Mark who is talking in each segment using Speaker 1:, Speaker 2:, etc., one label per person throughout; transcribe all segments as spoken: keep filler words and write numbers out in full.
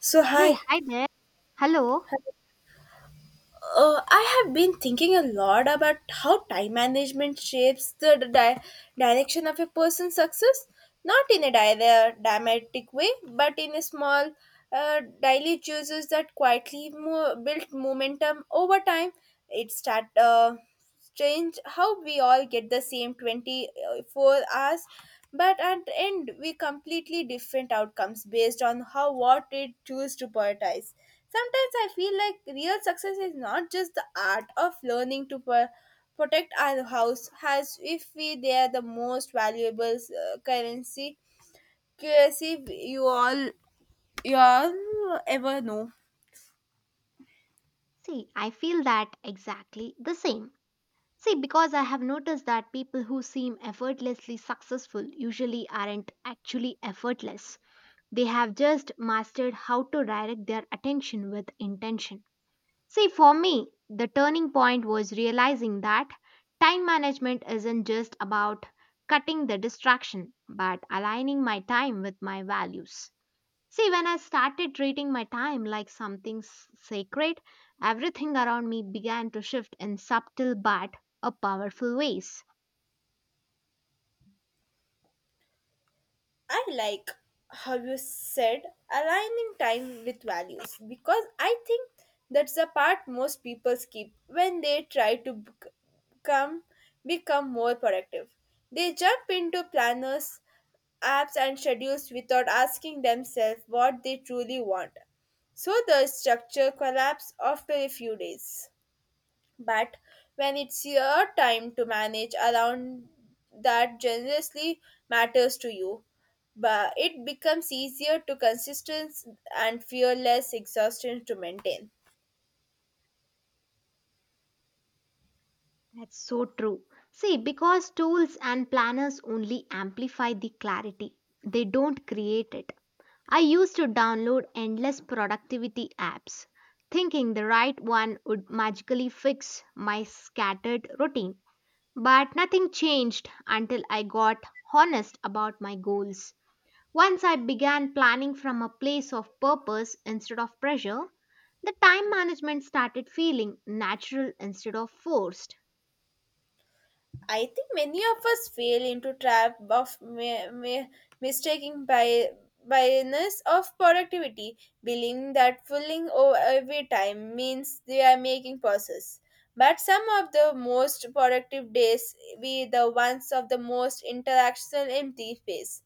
Speaker 1: So,
Speaker 2: Hey,
Speaker 1: hi.
Speaker 2: hi there. Hello.
Speaker 1: Uh, I have been thinking a lot about how time management shapes the d- di- direction of a person's success, not in a di- dramatic way, but in a small, uh, daily choices that quietly mo- build momentum over time. It start. Uh, strange how we all get the same twenty-four hours, but at the end we completely different outcomes based on how what we choose to prioritize. Sometimes I feel like real success is not just the art of learning to pro- protect our house as if we they are the most valuable uh, currency currency you all you all ever know.
Speaker 2: See, I feel that exactly the same. See, because I have noticed that people who seem effortlessly successful usually aren't actually effortless. They have just mastered how to direct their attention with intention. See, for me, the turning point was realizing that time management isn't just about cutting the distraction, but aligning my time with my values. See, when I started treating my time like something s- sacred, everything around me began to shift in subtle but a powerful ways.
Speaker 1: I like how you said aligning time with values because I think that's the part most people skip when they try to bec- become become more productive. They jump into planners, apps and schedules without asking themselves what they truly want. So the structure collapses after a few days. But when it's your time to manage around that generously matters to you, but it becomes easier to consistent and fearless exhaustion to maintain.
Speaker 2: That's so true. See, because tools and planners only amplify the clarity, they don't create it. I used to download endless productivity apps, thinking the right one would magically fix my scattered routine. But nothing changed until I got honest about my goals. Once I began planning from a place of purpose instead of pressure, the time management started feeling natural instead of forced.
Speaker 1: I think many of us fail into trap of ma- ma- mistaking by biasness of productivity, believing that filling o- every time means they are making process. But some of the most productive days be the ones of the most interactional empty space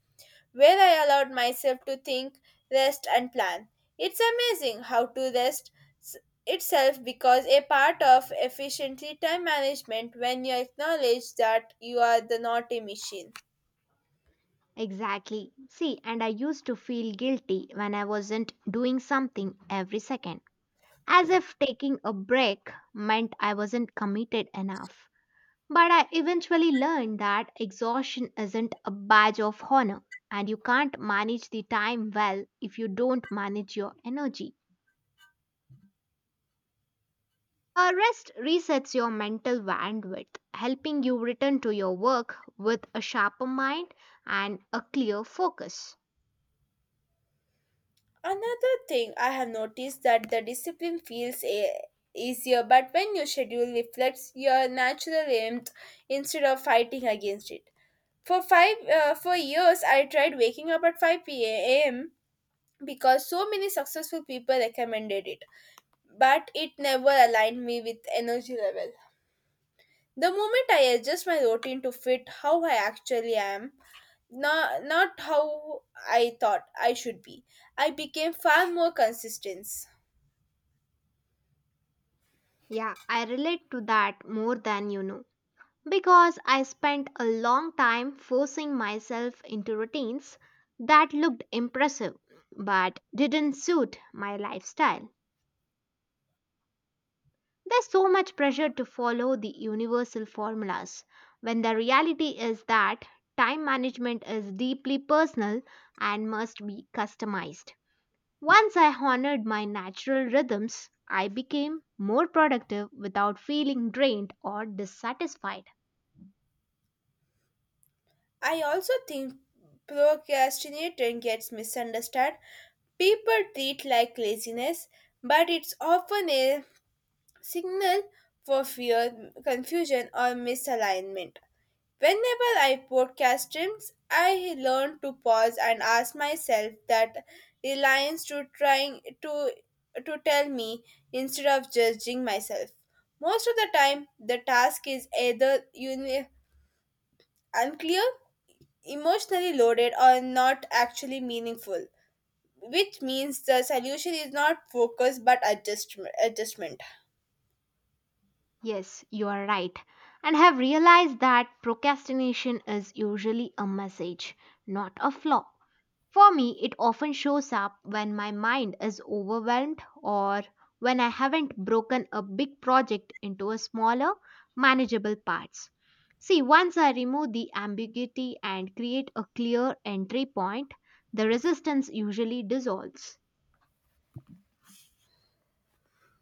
Speaker 1: where I allowed myself to think, rest, and plan. It's amazing how to rest s- itself becomes a part of efficiently time management when you acknowledge that you are the not a machine.
Speaker 2: Exactly. See, and I used to feel guilty when I wasn't doing something every second, as if taking a break meant I wasn't committed enough. But I eventually learned that exhaustion isn't a badge of honor, and you can't manage the time well if you don't manage your energy. A rest resets your mental bandwidth, helping you return to your work with a sharper mind and a clear focus.
Speaker 1: Another thing I have noticed that the discipline feels a- easier, but when your schedule reflects your natural aims instead of fighting against it. For five uh, for years, I tried waking up at five p m because so many successful people recommended it, but it never aligned me with energy level. The moment I adjust my routine to fit how I actually am, not, not how I thought I should be, I became far more consistent.
Speaker 2: Yeah, I relate to that more than you know because I spent a long time forcing myself into routines that looked impressive but didn't suit my lifestyle. There's so much pressure to follow the universal formulas when the reality is that time management is deeply personal and must be customized. Once I honored my natural rhythms, I became more productive without feeling drained or dissatisfied.
Speaker 1: I also think procrastination gets misunderstood. People treat like laziness, but it's often a signal for fear, confusion, or misalignment. Whenever I podcast streams, I learn to pause and ask myself that reliance to trying to to tell me instead of judging myself. Most of the time, the task is either uni- unclear, emotionally loaded, or not actually meaningful, which means the solution is not focus but adjustment. adjustment.
Speaker 2: Yes, you are right. And have realized that procrastination is usually a message, not a flaw. For me, it often shows up when my mind is overwhelmed or when I haven't broken a big project into a smaller, manageable parts. See, once I remove the ambiguity and create a clear entry point, the resistance usually dissolves.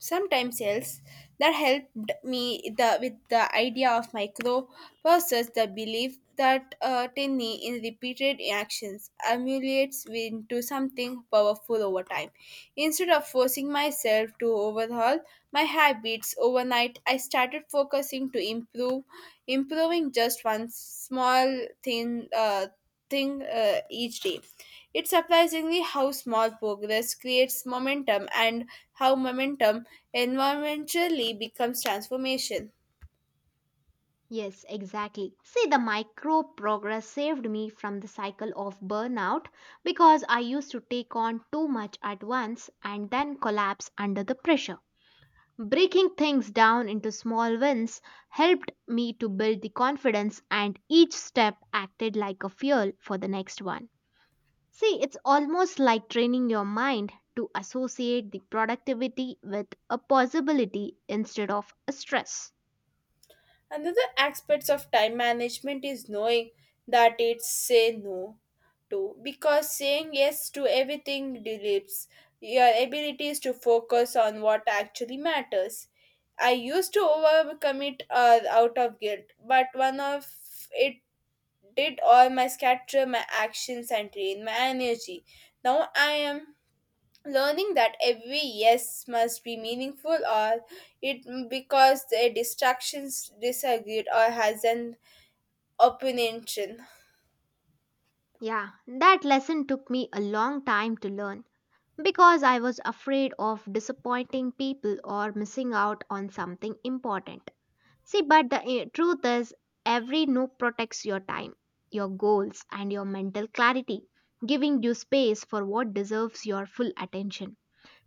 Speaker 1: Sometimes else that helped me the, with the idea of micro versus the belief that uh, tiny in repeated actions accumulates into something powerful over time. Instead of forcing myself to overhaul my habits overnight, I started focusing to improve improving just one small thing uh, thing uh, each day. It's surprisingly how small progress creates momentum and how momentum environmentally becomes transformation.
Speaker 2: Yes, exactly. See, the micro progress saved me from the cycle of burnout because I used to take on too much at once and then collapse under the pressure. Breaking things down into small wins helped me to build the confidence, and each step acted like a fuel for the next one. See, it's almost like training your mind to associate the productivity with a possibility instead of a stress.
Speaker 1: Another aspect of time management is knowing that it's say no to because saying yes to everything deletes your abilities to focus on what actually matters. I used to overcommit uh, out of guilt, but one of it did all my scatter my actions and drain my energy. Now I am learning that every yes must be meaningful or it because the distractions disagreed or has an opinion.
Speaker 2: Yeah, that lesson took me a long time to learn because I was afraid of disappointing people or missing out on something important. See, but the eh, truth is, every no protects your time, your goals, and your mental clarity, giving you space for what deserves your full attention.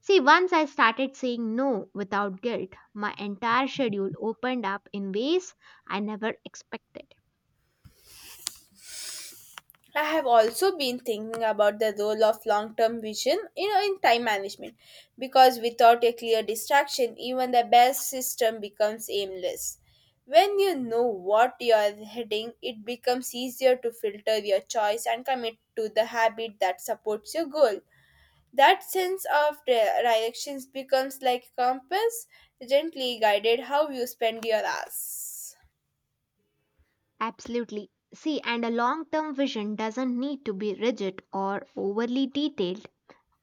Speaker 2: See, once I started saying no without guilt, my entire schedule opened up in ways I never expected.
Speaker 1: I have also been thinking about the role of long-term vision you know in time management because without a clear distraction even the best system becomes aimless. When you know what you are heading it becomes easier to filter your choice and commit to the habit that supports your goal. That sense of di- directions becomes like a compass, gently guided how you spend your hours.
Speaker 2: Absolutely. See, and a long term vision doesn't need to be rigid or overly detailed.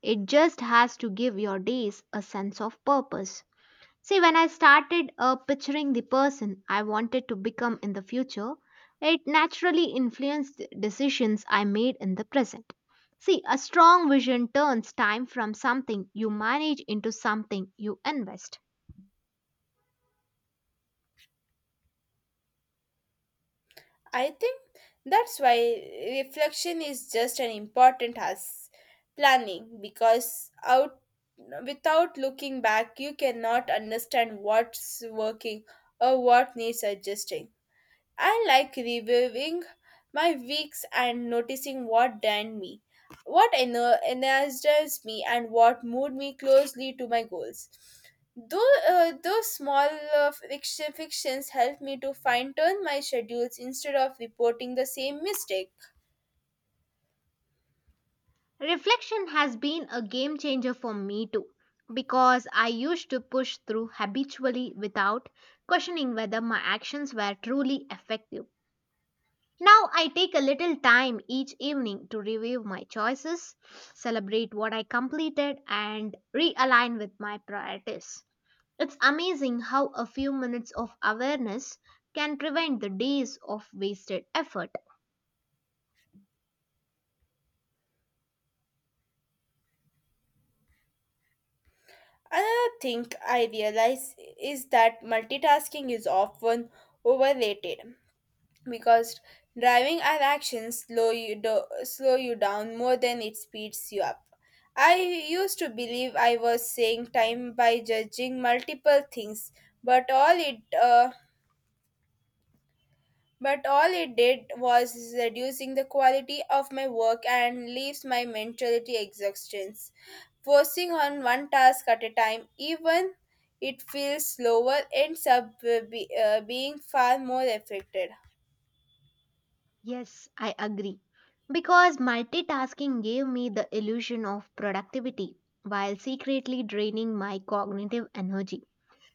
Speaker 2: It just has to give your days a sense of purpose. See, when I started uh, picturing the person I wanted to become in the future, it naturally influenced the decisions I made in the present. See, a strong vision turns time from something you manage into something you invest.
Speaker 1: I think that's why reflection is just an important as planning because out without looking back you cannot understand what's working or what needs adjusting. I like reviewing my weeks and noticing what drained me, what ener- energized me, and what moved me closely to my goals. Though uh, those small uh, fiction- fictions help me to fine tune my schedules instead of reporting the same mistake.
Speaker 2: Reflection has been a game changer for me too, because I used to push through habitually without questioning whether my actions were truly effective. Now I take a little time each evening to review my choices, celebrate what I completed, and realign with my priorities. It's amazing how a few minutes of awareness can prevent the days of wasted effort.
Speaker 1: Another thing I realize is that multitasking is often overrated, because driving our actions slow you do- slow you down more than it speeds you up. I used to believe I was saying time by judging multiple things, but all it uh, but all it did was reducing the quality of my work and leaves my mentality exhaustion. Forcing on one task at a time, even it feels slower, ends up uh, be, uh, being far more affected.
Speaker 2: Yes, I agree. Because multitasking gave me the illusion of productivity while secretly draining my cognitive energy.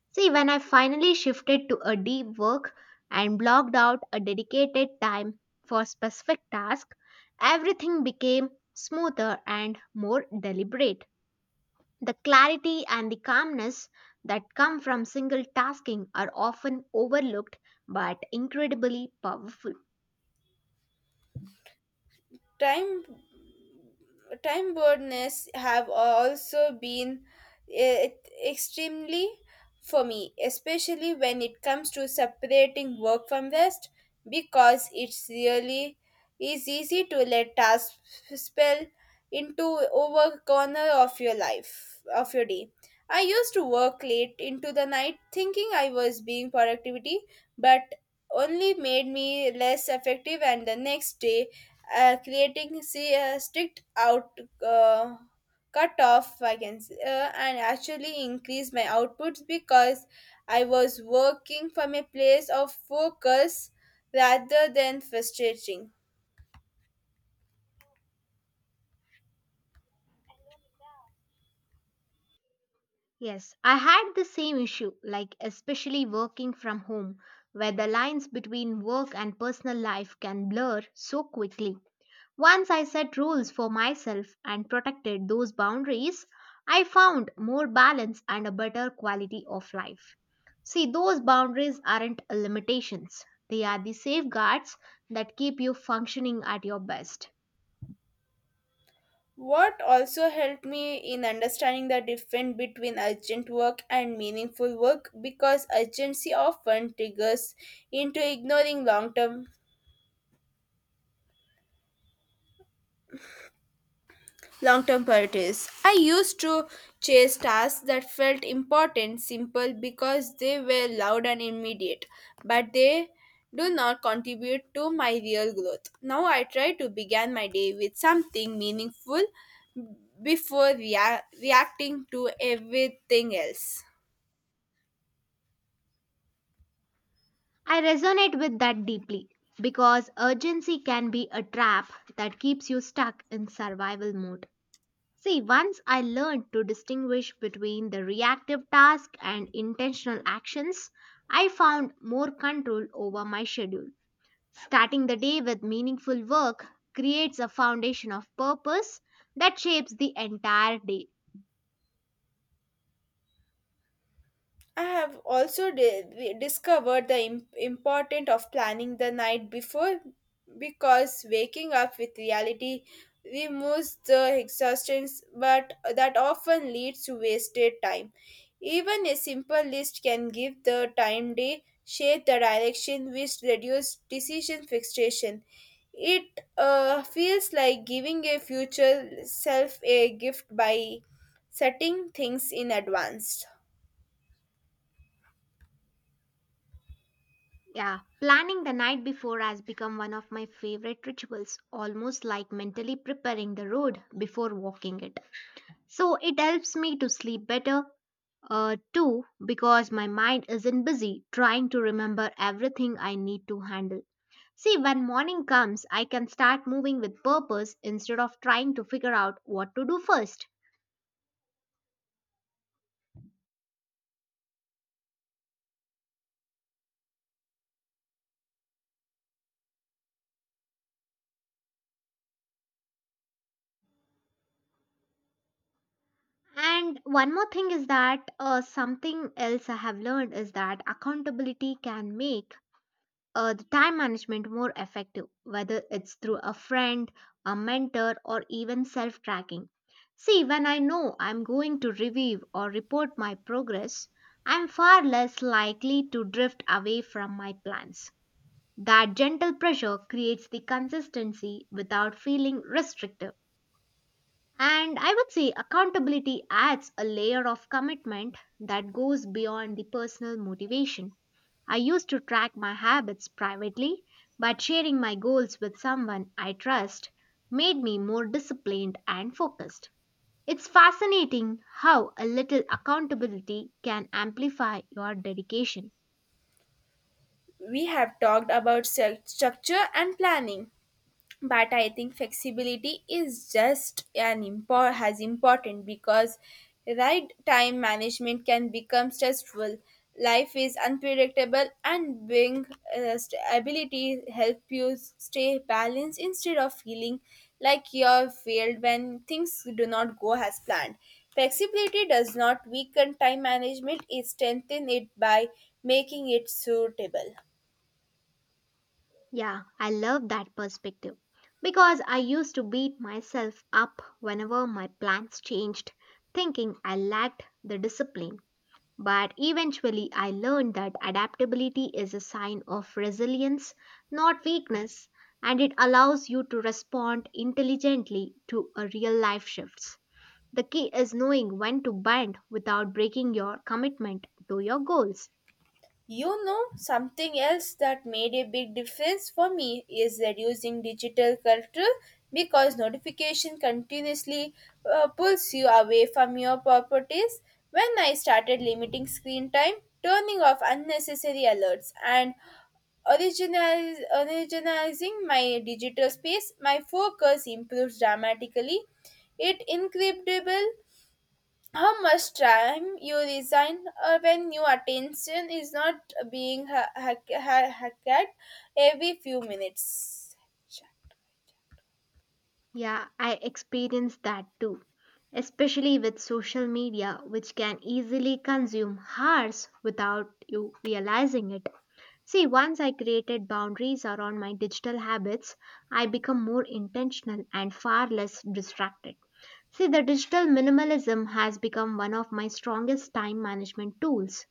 Speaker 2: See, when I finally shifted to a deep work and blocked out a dedicated time for specific task, everything became smoother and more deliberate. The clarity and the calmness that come from single tasking are often overlooked but incredibly powerful.
Speaker 1: Time time birds have also been eh, extremely for me, especially when it comes to separating work from rest, because it's really is easy to let tasks spill into over corner of your life of your day. I used to work late into the night thinking I was being productivity, but only made me less effective and the next day, uh, creating see uh, strict out uh, cut off I can, uh, and actually increase my outputs because I was working from a place of focus rather than frustrating.
Speaker 2: Yes, I had the same issue, like especially working from home, where the lines between work and personal life can blur so quickly. Once I set rules for myself and protected those boundaries, I found more balance and a better quality of life. See, those boundaries aren't limitations, they are the safeguards that keep you functioning at your best.
Speaker 1: What also helped me in understanding the difference between urgent work and meaningful work because urgency often triggers into ignoring long term long term priorities. I used to chase tasks that felt important, simple because they were loud and immediate, but they do not contribute to my real growth. Now I try to begin my day with something meaningful before rea- reacting to everything else.
Speaker 2: I resonate with that deeply because urgency can be a trap that keeps you stuck in survival mode. See, once I learned to distinguish between the reactive task and intentional actions, I found more control over my schedule. Starting the day with meaningful work creates a foundation of purpose that shapes the entire day.
Speaker 1: I have also di- discovered the im- importance of planning the night before because waking up with reality removes the exhaustions, but that often leads to wasted time. Even a simple list can give the time day shape the direction which reduces decision fixation. It uh, feels like giving a future self a gift by setting things in advance.
Speaker 2: Yeah, planning the night before has become one of my favorite rituals, almost like mentally preparing the road before walking it. So it helps me to sleep better, Uh, two, because my mind isn't busy trying to remember everything I need to handle. See, when morning comes, I can start moving with purpose instead of trying to figure out what to do first. And one more thing is that uh, something else I have learned is that accountability can make uh, the time management more effective, whether it's through a friend, a mentor, or even self tracking. See, when I know I'm going to review or report my progress, I'm far less likely to drift away from my plans. That gentle pressure creates the consistency without feeling restrictive. And I would say accountability adds a layer of commitment that goes beyond the personal motivation. I used to track my habits privately, but sharing my goals with someone I trust made me more disciplined and focused. It's fascinating how a little accountability can amplify your dedication.
Speaker 1: We have talked about stru- structure and planning, but I think flexibility is just an impor- has important because right time management can become stressful. Life is unpredictable and being uh, st- ability help you stay balanced instead of feeling like you're failed when things do not go as planned. Flexibility does not weaken time management, it strengthens it by making it suitable.
Speaker 2: Yeah, I love that perspective because I used to beat myself up whenever my plans changed, thinking I lacked the discipline. But eventually, I learned that adaptability is a sign of resilience, not weakness, and it allows you to respond intelligently to a real life shifts. The key is knowing when to bend without breaking your commitment to your goals.
Speaker 1: You know, something else that made a big difference for me is reducing digital clutter because notification continuously uh, pulls you away from your properties. When I started limiting screen time, turning off unnecessary alerts, and originaliz- originalizing my digital space, my focus improves dramatically. It incredible how much time you resign uh, when your attention is not being ha- ha- ha- hacked every few minutes?
Speaker 2: Yeah, I experienced that too, especially with social media, which can easily consume hours without you realizing it. See, once I created boundaries around my digital habits, I become more intentional and far less distracted. See, the digital minimalism has become one of my strongest time management tools.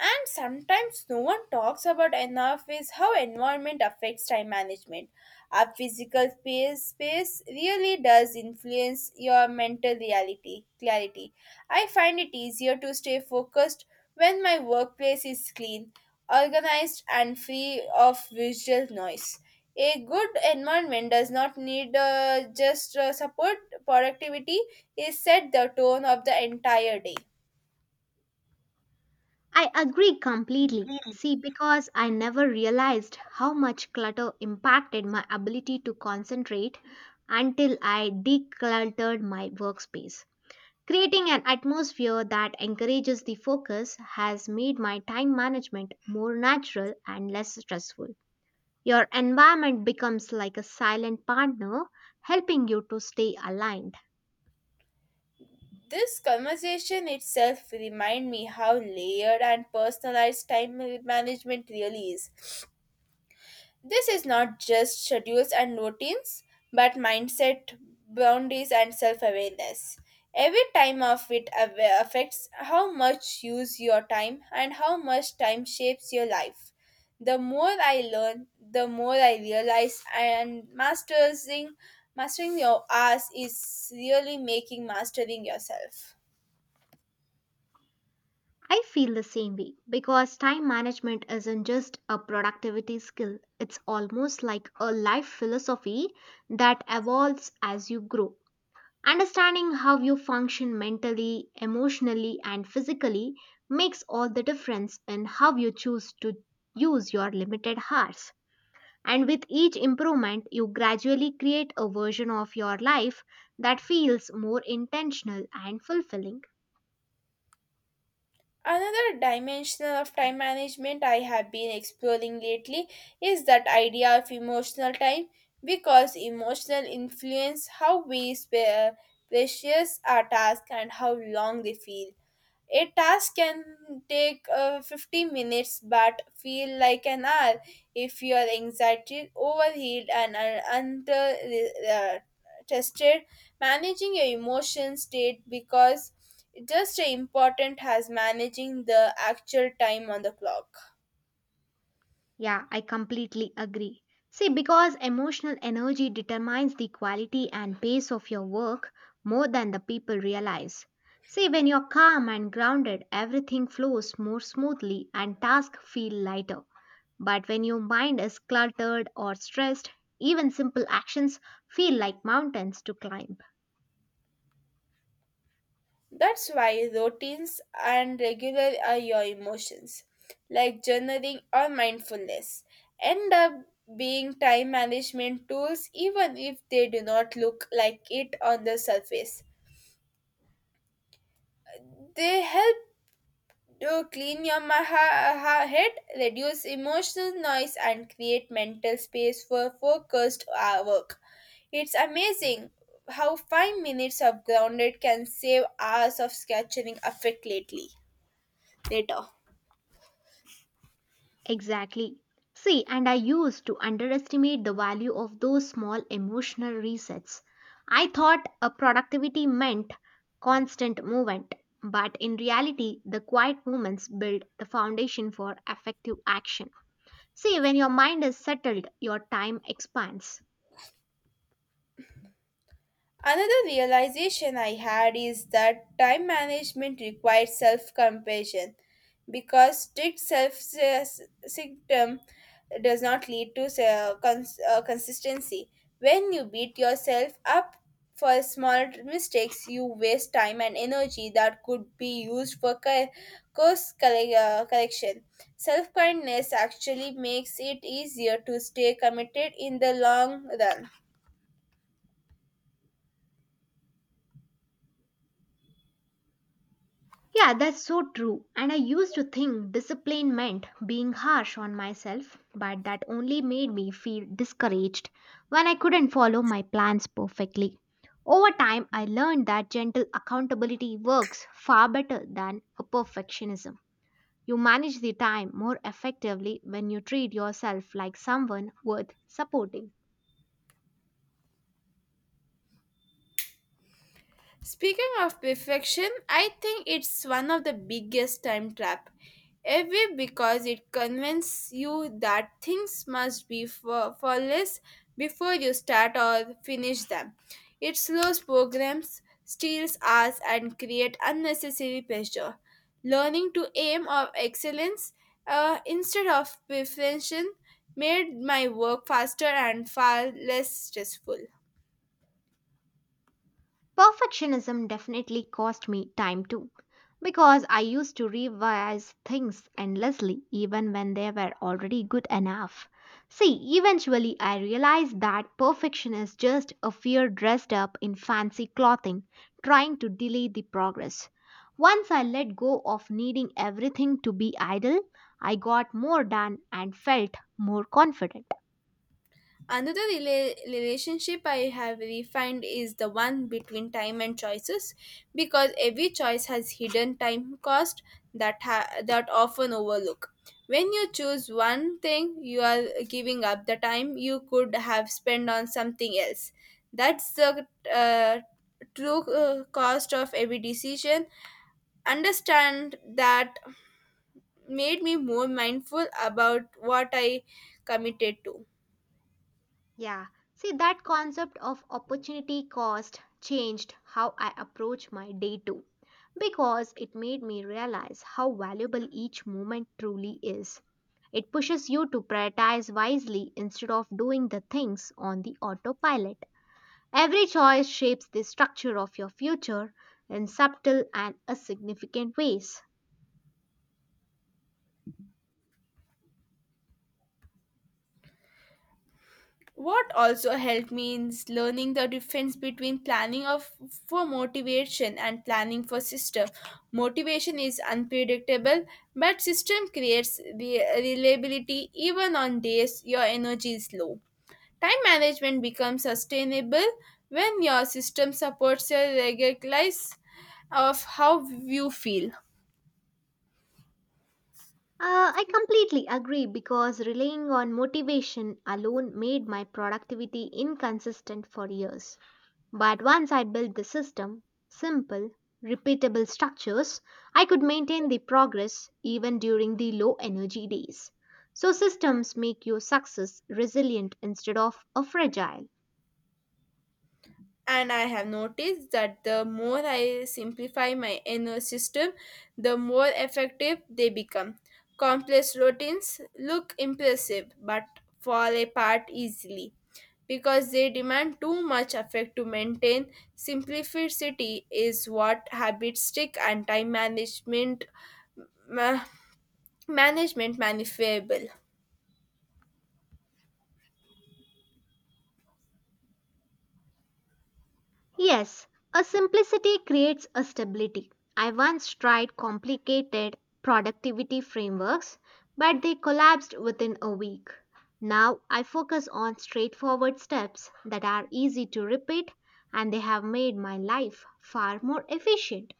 Speaker 1: And sometimes no one talks about enough is how environment affects time management. Our physical space space really does influence your mental reality clarity. I find it easier to stay focused when my workplace is clean, organized and free of visual noise. A good environment does not need uh, just uh, support productivity is set the tone of the entire day.
Speaker 2: I agree completely. See, because I never realized how much clutter impacted my ability to concentrate until I decluttered my workspace. Creating an atmosphere that encourages the focus has made my time management more natural and less stressful. Your environment becomes like a silent partner, helping you to stay aligned.
Speaker 1: This conversation itself remind me how layered and personalized time management really is. This is not just schedules and routines, but mindset, boundaries, and self-awareness. Every time of it awa- affects how much you use your time and how much time shapes your life. The more I learn, the more I realize, and mastering mastering your ass is really making mastering yourself.
Speaker 2: I feel the same way because time management isn't just a productivity skill, it's almost like a life philosophy that evolves as you grow. Understanding how you function mentally, emotionally, and physically makes all the difference in how you choose to use your limited hours. And with each improvement, you gradually create a version of your life that feels more intentional and fulfilling.
Speaker 1: Another dimension of time management I have been exploring lately is that idea of emotional time because emotional influence how we spe- precious our tasks and how long they feel. A task can take uh, fifteen minutes but feel like an hour if you are anxiety, overheated, and uh, under uh, tested. Managing your emotion state because just as important as managing the actual time on the clock.
Speaker 2: Yeah, I completely agree. See, because emotional energy determines the quality and pace of your work more than the people realize. See, when you're calm and grounded, everything flows more smoothly and tasks feel lighter. But when your mind is cluttered or stressed, even simple actions feel like mountains to climb.
Speaker 1: That's why routines and regular are your emotions, like journaling or mindfulness, end up being time management tools even if they do not look like it on the surface. They help to clean your ma- ha- ha- head, reduce emotional noise, and create mental space for focused uh, work. It's amazing how five minutes of grounded can save hours of scattering effect lately. Later.
Speaker 2: Exactly. See, and I used to underestimate the value of those small emotional resets. I thought a productivity meant constant movement, but in reality, the quiet movements build the foundation for effective action. See, when your mind is settled, your time expands.
Speaker 1: Another realization I had is that time management requires self compassion because strict self symptom does not lead to se- cons- uh, consistency. When you beat yourself up for small mistakes, you waste time and energy that could be used for co- course corre- uh, correction. Self kindness actually makes it easier to stay committed in the long run.
Speaker 2: Yeah, that's so true. And I used to think discipline meant being harsh on myself, but that only made me feel discouraged when I couldn't follow my plans perfectly. Over time, I learned that gentle accountability works far better than a perfectionism. You manage the time more effectively when you treat yourself like someone worth supporting.
Speaker 1: Speaking of perfection, I think it's one of the biggest time trap ever because it convinces you that things must be fa- flawless before you start or finish them. It slows programs, steals hours, and creates unnecessary pressure. Learning to aim of excellence uh, instead of perfection made my work faster and far less stressful.
Speaker 2: Perfectionism definitely cost me time too, because I used to revise things endlessly even when they were already good enough. See, eventually I realized that perfection is just a fear dressed up in fancy clothing, trying to delay the progress. Once I let go of needing everything to be ideal, I got more done and felt more confident.
Speaker 1: Another rela- relationship I have refined is the one between time and choices because every choice has hidden time cost that ha- that often overlook. When you choose one thing, you are giving up the time you could have spent on something else. That's the uh, true uh, cost of every decision. Understand that made me more mindful about what I committed to.
Speaker 2: Yeah, see, that concept of opportunity cost changed how I approach my day too, because it made me realize how valuable each moment truly is. It pushes you to prioritize wisely instead of doing the things on the autopilot. Every choice shapes the structure of your future in subtle and a significant ways.
Speaker 1: What also helped me is learning the difference between planning of for motivation and planning for system. Motivation is unpredictable, but system creates re- reliability even on days your energy is low. Time management becomes sustainable when your system supports your regular life of how you feel.
Speaker 2: Uh, I completely agree because relying on motivation alone made my productivity inconsistent for years. But once I built the system, simple, repeatable structures, I could maintain the progress even during the low energy days. So systems make your success resilient instead of a fragile.
Speaker 1: And I have noticed that the more I simplify my inner system, the more effective they become. Complex routines look impressive but fall apart easily because they demand too much effort to maintain. Simplicity is what habits stick and time management ma- management manifestable.
Speaker 2: Yes, a simplicity creates a stability. I once tried complicated productivity frameworks, but they collapsed within a week. Now I focus on straightforward steps that are easy to repeat and they have made my life far more efficient.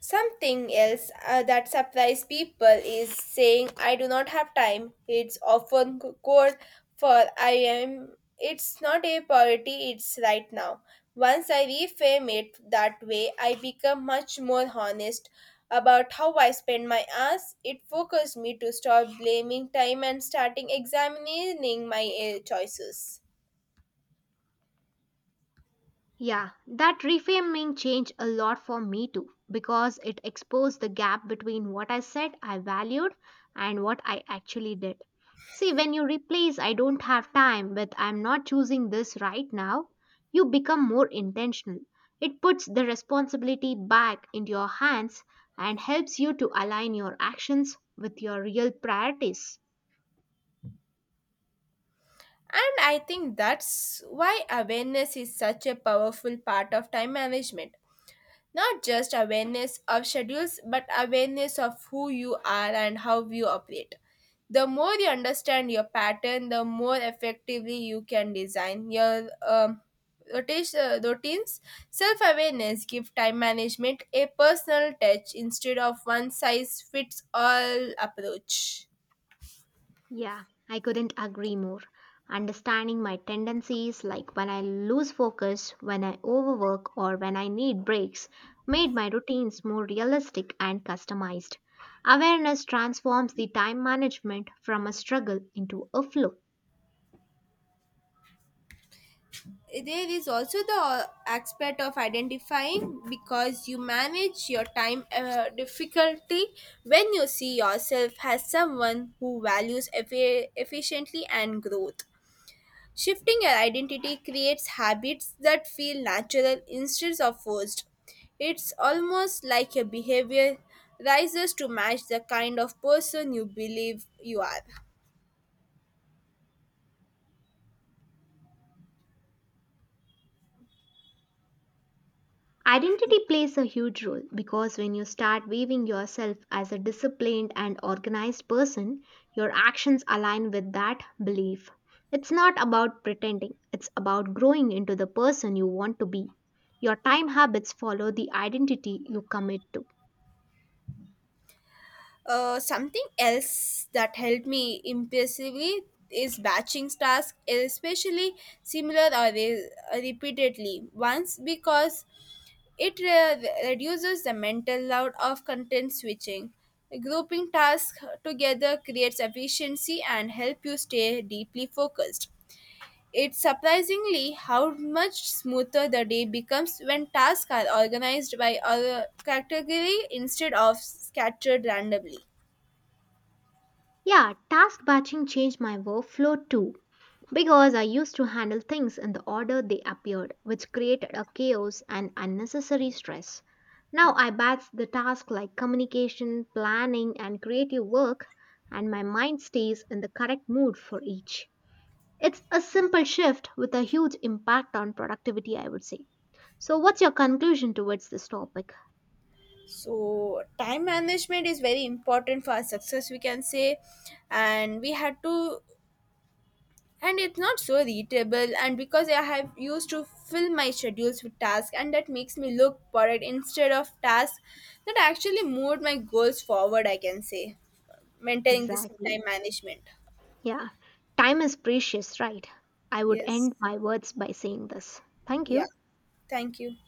Speaker 1: Something else uh, that surprises people is saying, I do not have time. It's often c- called for I am. It's not a priority, it's right now. Once I reframe it that way, I become much more honest about how I spend my hours. It focused me to stop blaming time and starting examining my uh, choices.
Speaker 2: Yeah, that reframing changed a lot for me too because it exposed the gap between what I said I valued and what I actually did. See, when you replace I don't have time with I'm not choosing this right now, you become more intentional. It puts the responsibility back into your hands and helps you to align your actions with your real priorities.
Speaker 1: And I think that's why awareness is such a powerful part of time management. Not just awareness of schedules, but awareness of who you are and how you operate. The more you understand your pattern, the more effectively you can design your um, rotation, uh, routines. Self awareness give time management a personal touch instead of one size fits all approach.
Speaker 2: Yeah, I couldn't agree more. Understanding my tendencies, like when I lose focus, when I overwork, or when I need breaks, made my routines more realistic and customized. Awareness transforms the time management from a struggle into a flow.
Speaker 1: There is also the aspect of identifying because you manage your time uh, difficulty when you see yourself as someone who values effi- efficiently and growth. Shifting your identity creates habits that feel natural instead of forced. It's almost like your behavior rises to match the kind of person you believe you are.
Speaker 2: Identity plays a huge role because when you start viewing yourself as a disciplined and organized person, your actions align with that belief. It's not about pretending, it's about growing into the person you want to be. Your time habits follow the identity you commit to.
Speaker 1: Uh, something else that helped me impressively is batching tasks, especially similar or re- repeatedly once, because it re- reduces the mental load of content switching. Grouping tasks together creates efficiency and help you stay deeply focused. It's surprisingly how much smoother the day becomes when tasks are organized by a category instead of scattered randomly.
Speaker 2: Yeah, task batching changed my workflow too, because I used to handle things in the order they appeared, which created a chaos and unnecessary stress. Now I batch the tasks like communication, planning, and creative work, and my mind stays in the correct mood for each. It's a simple shift with a huge impact on productivity, I would say. So, what's your conclusion towards this topic?
Speaker 1: So time management is very important for our success we can say, and we had to, and it's not so readable and because I have used to fill my schedules with tasks and that makes me look for it instead of tasks that actually moved my goals forward. I can say maintaining this
Speaker 2: Exactly.
Speaker 1: time management.
Speaker 2: Yeah. Time is precious, right? I would
Speaker 1: Yes.
Speaker 2: end my words by saying this. Thank
Speaker 1: Yeah,
Speaker 2: you.
Speaker 1: thank you.